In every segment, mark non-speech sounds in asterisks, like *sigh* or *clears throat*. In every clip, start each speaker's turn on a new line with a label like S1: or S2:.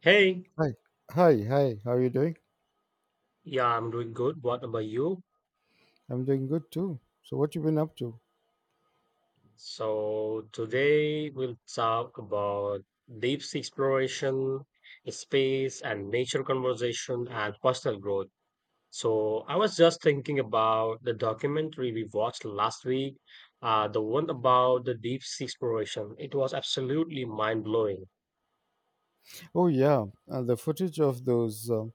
S1: Hey,
S2: Hi. Hi. How are you doing?
S1: yeah, I'm doing good. What about you?
S2: I'm doing good too. So what you been up to?
S1: So today we'll talk about deep sea exploration, space and nature conversation and personal growth. So I was just thinking about the documentary we watched last week, the one about the deep sea exploration. It was absolutely mind-blowing.
S2: Oh yeah, the footage of those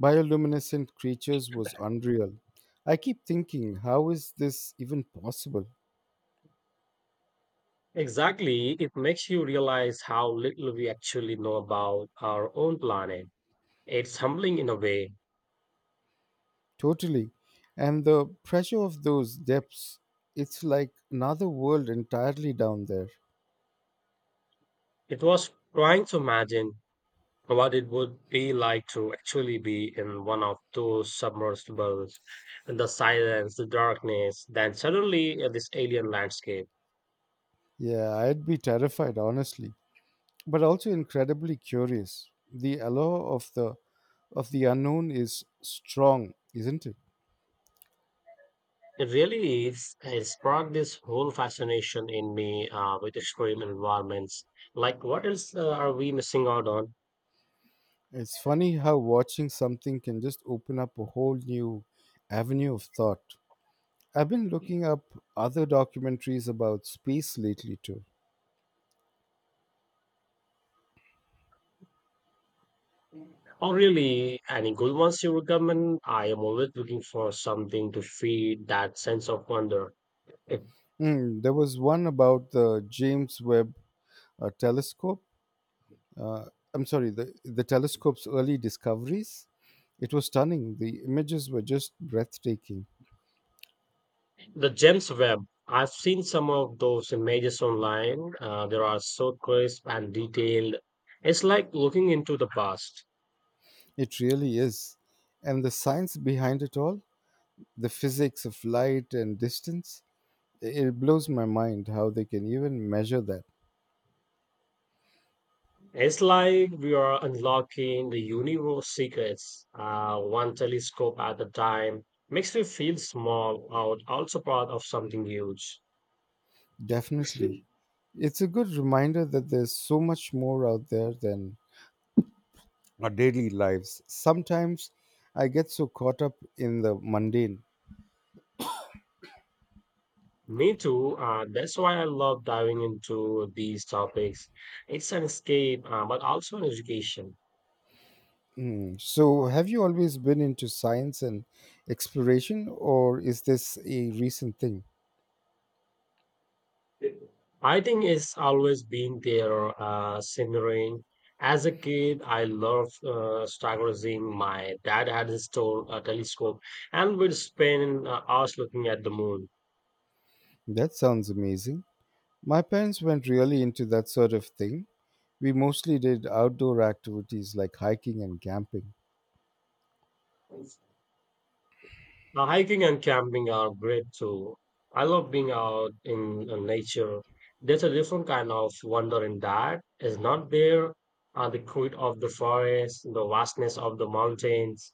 S2: bioluminescent creatures was unreal. I keep thinking, how is this even possible?
S1: Exactly, it makes you realize how little we actually know about our own planet. It's humbling in a way.
S2: Totally. And the pressure of those depths, it's like another world entirely down there.
S1: It was trying to imagine what it would be like to actually be in one of those submersibles, and the silence, the darkness, then suddenly this alien landscape.
S2: Yeah, I'd be terrified honestly, but also incredibly curious. The allure of the unknown is strong, isn't it?
S1: It really is, it sparked this whole fascination in me with extreme environments. Like, what else are we missing out on?
S2: It's funny how watching something can just open up a whole new avenue of thought. I've been looking up other documentaries about space lately, too.
S1: Or really, any good ones you recommend? I am always looking for something to feed that sense of wonder.
S2: Hmm, there was one about the James Webb telescope. Uh, I'm sorry, the telescope's early discoveries. It was stunning. The images were just breathtaking.
S1: The Gems Web. I've seen some of those images online. There are so crisp and detailed. It's like looking into the past.
S2: It really is. And the science behind it all, the physics of light and distance, it blows my mind how they can even measure that.
S1: It's like we are unlocking the universe secrets, one telescope at a time. Makes me feel small, out also part of something huge.
S2: Definitely. It's a good reminder that there's so much more out there than our daily lives. Sometimes I get so caught up in the mundane.
S1: Me too. That's why I love diving into these topics. It's an escape, but also an education.
S2: Mm. So, have you always been into science and exploration, or is this a recent thing?
S1: I think it's always been there, simmering. As a kid, I loved Star Gazing. My dad had his store, a telescope, and we'd spend hours looking at the moon.
S2: That sounds amazing. My parents weren't really into that sort of thing. We mostly did outdoor activities like hiking and camping.
S1: Now, hiking and camping are great too. I love being out in nature. There's a different kind of wonder in that. It's not there. The quiet of the forest, the vastness of the mountains.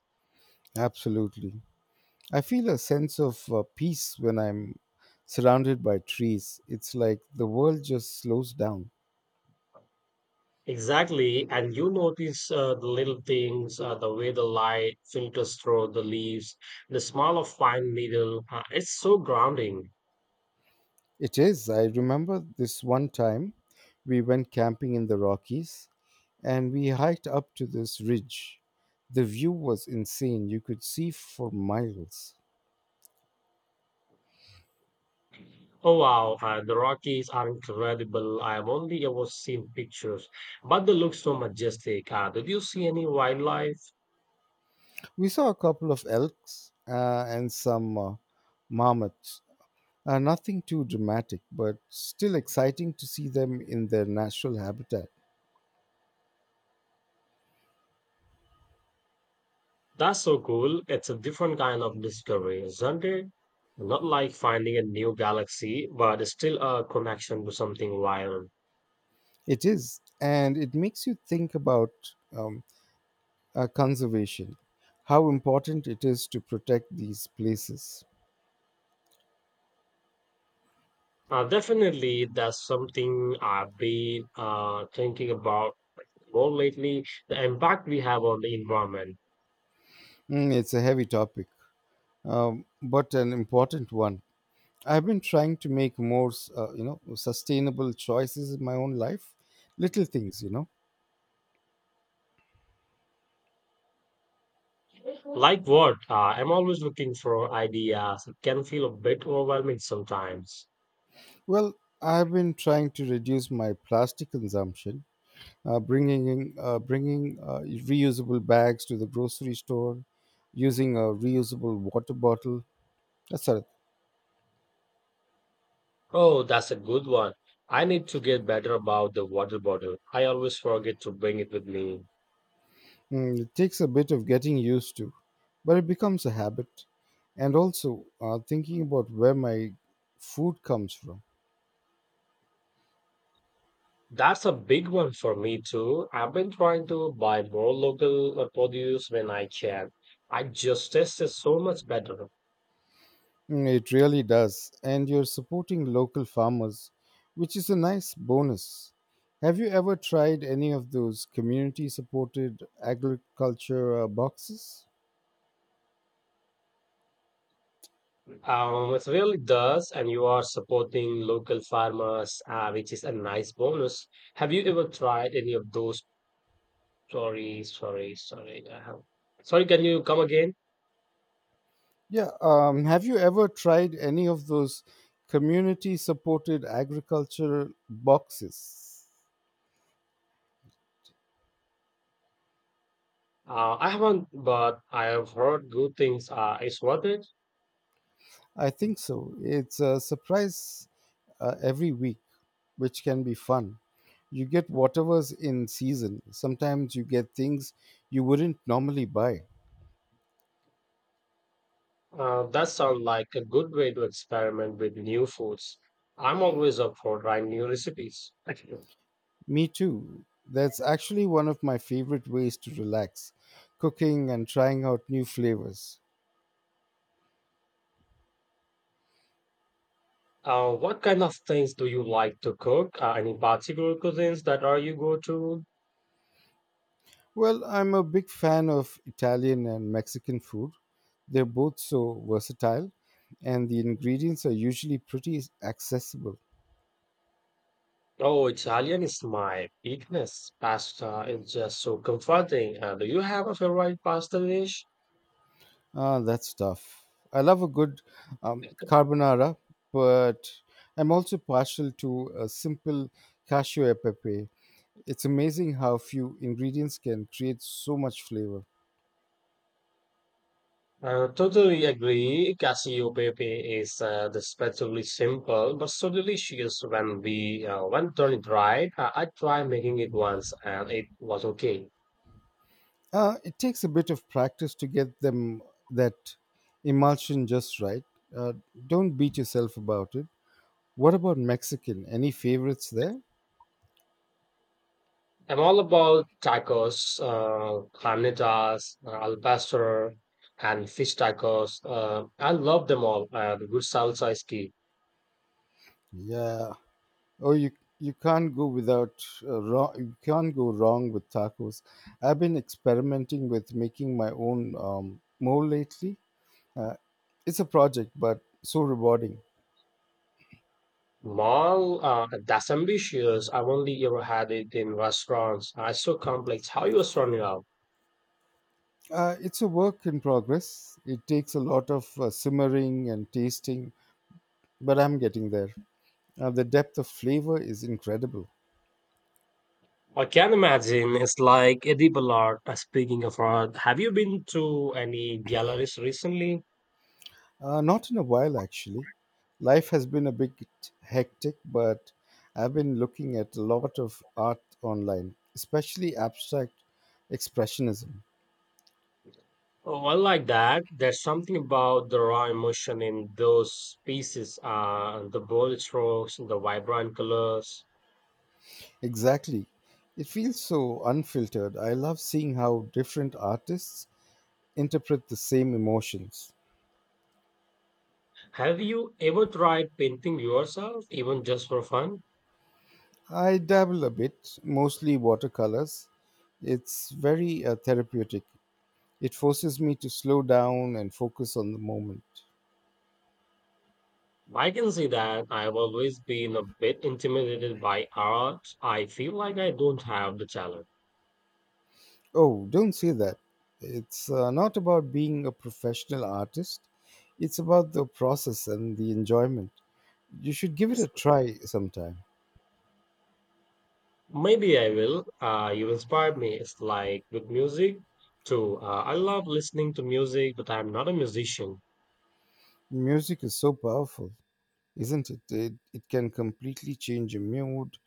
S2: Absolutely. I feel a sense of peace when I'm surrounded by trees. It's like the world just slows down.
S1: Exactly. And you notice the little things, the way the light filters through the leaves, the smell of pine needle. It's so grounding.
S2: It is. I remember this one time we went camping in the Rockies and we hiked up to this ridge. The view was insane. You could see for miles.
S1: Oh, wow. The Rockies are incredible. I have only ever seen pictures, but they look so majestic. Did you see any wildlife?
S2: We saw a couple of elks and some marmots. Nothing too dramatic, but still exciting to see them in their natural habitat.
S1: That's so cool. It's a different kind of discovery, isn't it? Not like finding a new galaxy, but still a connection to something wild.
S2: It is, and it makes you think about um, conservation, how important it is to protect these places.
S1: Definitely, that's something I've been thinking about more lately, the impact we have on the environment.
S2: Mm, it's a heavy topic, but an important one. I've been trying to make more sustainable choices in my own life. Little things.
S1: Like what? I'm always looking for ideas. It can feel a bit overwhelming sometimes.
S2: Well, I've been trying to reduce my plastic consumption, bringing reusable bags to the grocery store, using a reusable water bottle. That's all.
S1: Oh, that's a good one. I need to get better about the water bottle. I always forget to bring it with me.
S2: Mm, it takes a bit of getting used to, but it becomes a habit. And also, thinking about where my food comes from.
S1: That's a big one for me too. I've been trying to buy more local produce when I can. I just taste it so much better.
S2: Mm, it really does. And you're supporting local farmers, which is a nice bonus. Have you ever tried any of those community supported agriculture boxes?
S1: It really does, and you are supporting local farmers, which is a nice bonus. Have you ever tried any of those? Sorry, sorry, sorry. I have... Sorry, can you come again?
S2: Yeah, have you ever tried any of those community supported agriculture boxes?
S1: I haven't, but I have heard good things. It's worth it.
S2: I think so. It's a surprise every week, which can be fun. You get whatever's in season. Sometimes you get things you wouldn't normally buy.
S1: That sounds like a good way to experiment with new foods. I'm always up for trying new recipes.
S2: Me too. That's actually one of my favorite ways to relax, cooking and trying out new flavors.
S1: What kind of things do you like to cook? Any particular cuisines that are you go to?
S2: Well, I'm a big fan of Italian and Mexican food. They're both so versatile, and the ingredients are usually pretty accessible.
S1: Oh, Italian is my weakness. Pasta is just so comforting. Do you have a favorite pasta dish?
S2: Ah, that's tough. I love a good carbonara, but I'm also partial to a simple cashew pepe. It's amazing how few ingredients can create so much flavor.
S1: I totally agree. Cassiopeia is deceptively simple, but so delicious when we when done it right. I tried making it once, and it was okay.
S2: It takes a bit of practice to get them that emulsion just right. Uh, don't beat yourself about it. What about Mexican? Any favorites there?
S1: I'm all about tacos, carnitas, al pastor, and fish tacos. I love them all. The good salsa is key.
S2: Yeah. Oh, you can't go without wrong. You can't go wrong with tacos. I've been experimenting with making my own mole lately. Uh, it's a project, but so rewarding.
S1: Mall, that's ambitious. I've only ever had it in restaurants. It's so complex. How you are sorting it out?
S2: It's a work in progress. It takes a lot of simmering and tasting, but I'm getting there. The depth of flavor is incredible.
S1: I can imagine it's like edible art. Speaking of art, have you been to any galleries recently?
S2: Not in a while, actually. Life has been a bit hectic, but I've been looking at a lot of art online, especially abstract expressionism.
S1: Oh, I like that. There's something about the raw emotion in those pieces, the bold strokes, the vibrant colors.
S2: Exactly. It feels so unfiltered. I love seeing how different artists interpret the same emotions.
S1: Have you ever tried painting yourself, even just for fun?
S2: I dabble a bit, mostly watercolors. It's very therapeutic. It forces me to slow down and focus on the moment.
S1: I can see that. I've always been a bit intimidated by art. I feel like I don't have the talent.
S2: Oh, don't say that. It's not about being a professional artist, it's about the process and the enjoyment. You should give it a try sometime.
S1: Maybe I will. You inspired me. It's like with music too. I love listening to music, but I'm not a musician.
S2: Music is so powerful, isn't it? It can completely change your mood.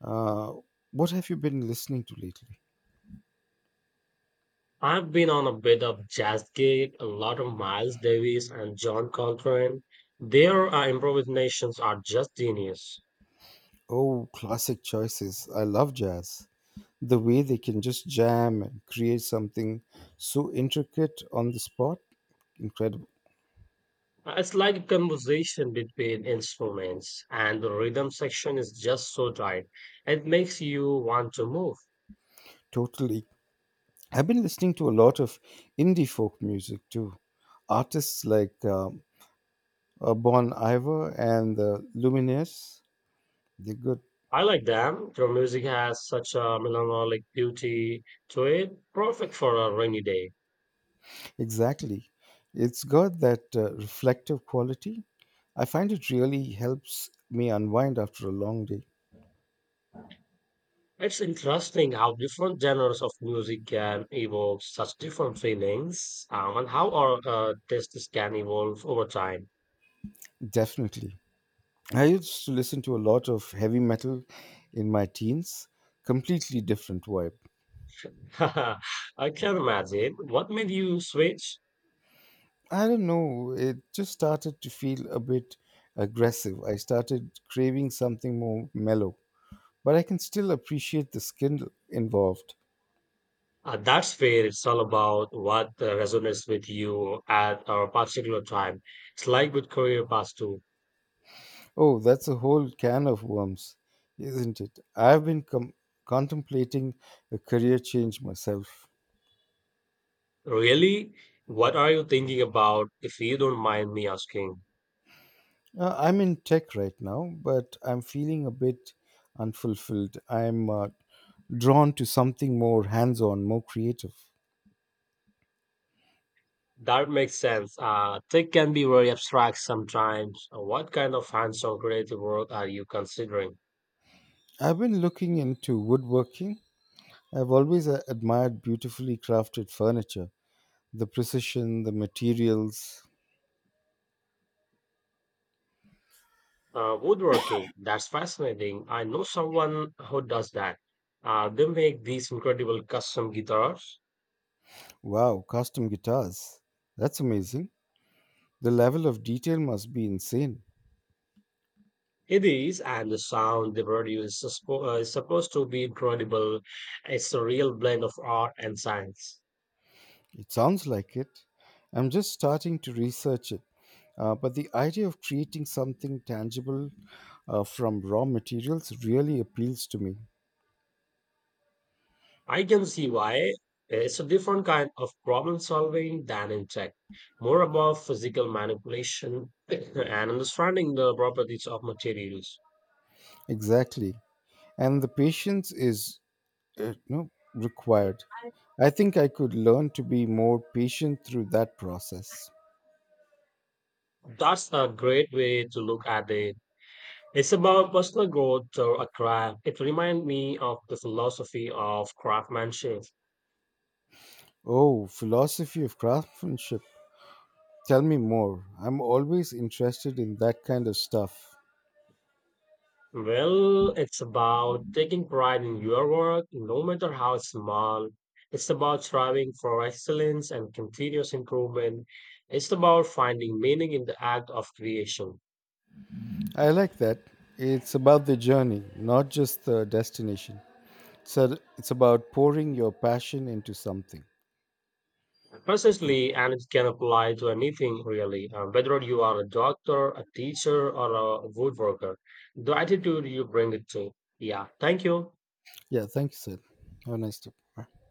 S2: Uh, what have you been listening to lately?
S1: I've been on a bit of jazz gig, a lot of Miles Davis and John Coltrane. Their improvisations are just genius.
S2: Oh, classic choices. I love jazz. The way they can just jam and create something so intricate on the spot, incredible.
S1: It's like a conversation between instruments, and the rhythm section is just so tight. It makes you want to move.
S2: Totally. I've been listening to a lot of indie folk music too. Artists like Bon Iver and the Lumineers, they're good.
S1: I like them. Their music has such a melancholic beauty to it, perfect for a rainy day.
S2: Exactly. It's got that reflective quality. I find it really helps me unwind after a long day.
S1: It's interesting how different genres of music can evoke such different feelings, and how our tastes can evolve over time.
S2: Definitely. I used to listen to a lot of heavy metal in my teens, completely different vibe.
S1: *laughs* I can imagine. What made you switch?
S2: I don't know. It just started to feel a bit aggressive. I started craving something more mellow, but I can still appreciate the skill involved.
S1: That's fair. It's all about what resonates with you at a particular time. It's like with career paths too.
S2: Oh, that's a whole can of worms, isn't it? Contemplating a career change myself.
S1: Really, what are you thinking about, if you don't mind me asking?
S2: I'm in tech right now, but I'm feeling a bit unfulfilled. I'm drawn to something more hands on, more creative.
S1: That makes sense. Tech can be very abstract sometimes. What kind of hands-on creative work are you considering?
S2: I've been looking into woodworking. I've always admired beautifully crafted furniture, the precision, the materials.
S1: Woodworking. That's fascinating. I know someone who does that. They make these incredible custom guitars.
S2: Wow, custom guitars. That's amazing. The level of detail must be insane.
S1: It is, and the sound they produce is supposed to be incredible. It's a real blend of art and science.
S2: It sounds like it. I'm just starting to research it. But the idea of creating something tangible from raw materials really appeals to me.
S1: I can see why. It's a different kind of problem solving than in tech, more about physical manipulation *coughs* *clears throat* and understanding the properties of materials.
S2: Exactly. And the patience is no, required. I think I could learn to be more patient through that process.
S1: That's a great way to look at it. It's about personal growth through a craft. It reminds me of the philosophy of craftsmanship.
S2: Oh, philosophy of craftsmanship. Tell me more. I'm always interested in that kind of stuff.
S1: Well, it's about taking pride in your work, no matter how small. It's about striving for excellence and continuous improvement. It's about finding meaning in the act of creation.
S2: I like that. It's about the journey, not just the destination. So it's about pouring your passion into something.
S1: Precisely, and it can apply to anything really, whether you are a doctor, a teacher, or a woodworker, the attitude you bring it to. Yeah, thank you.
S2: Yeah, thank you, Sid. Have a nice day. Bye.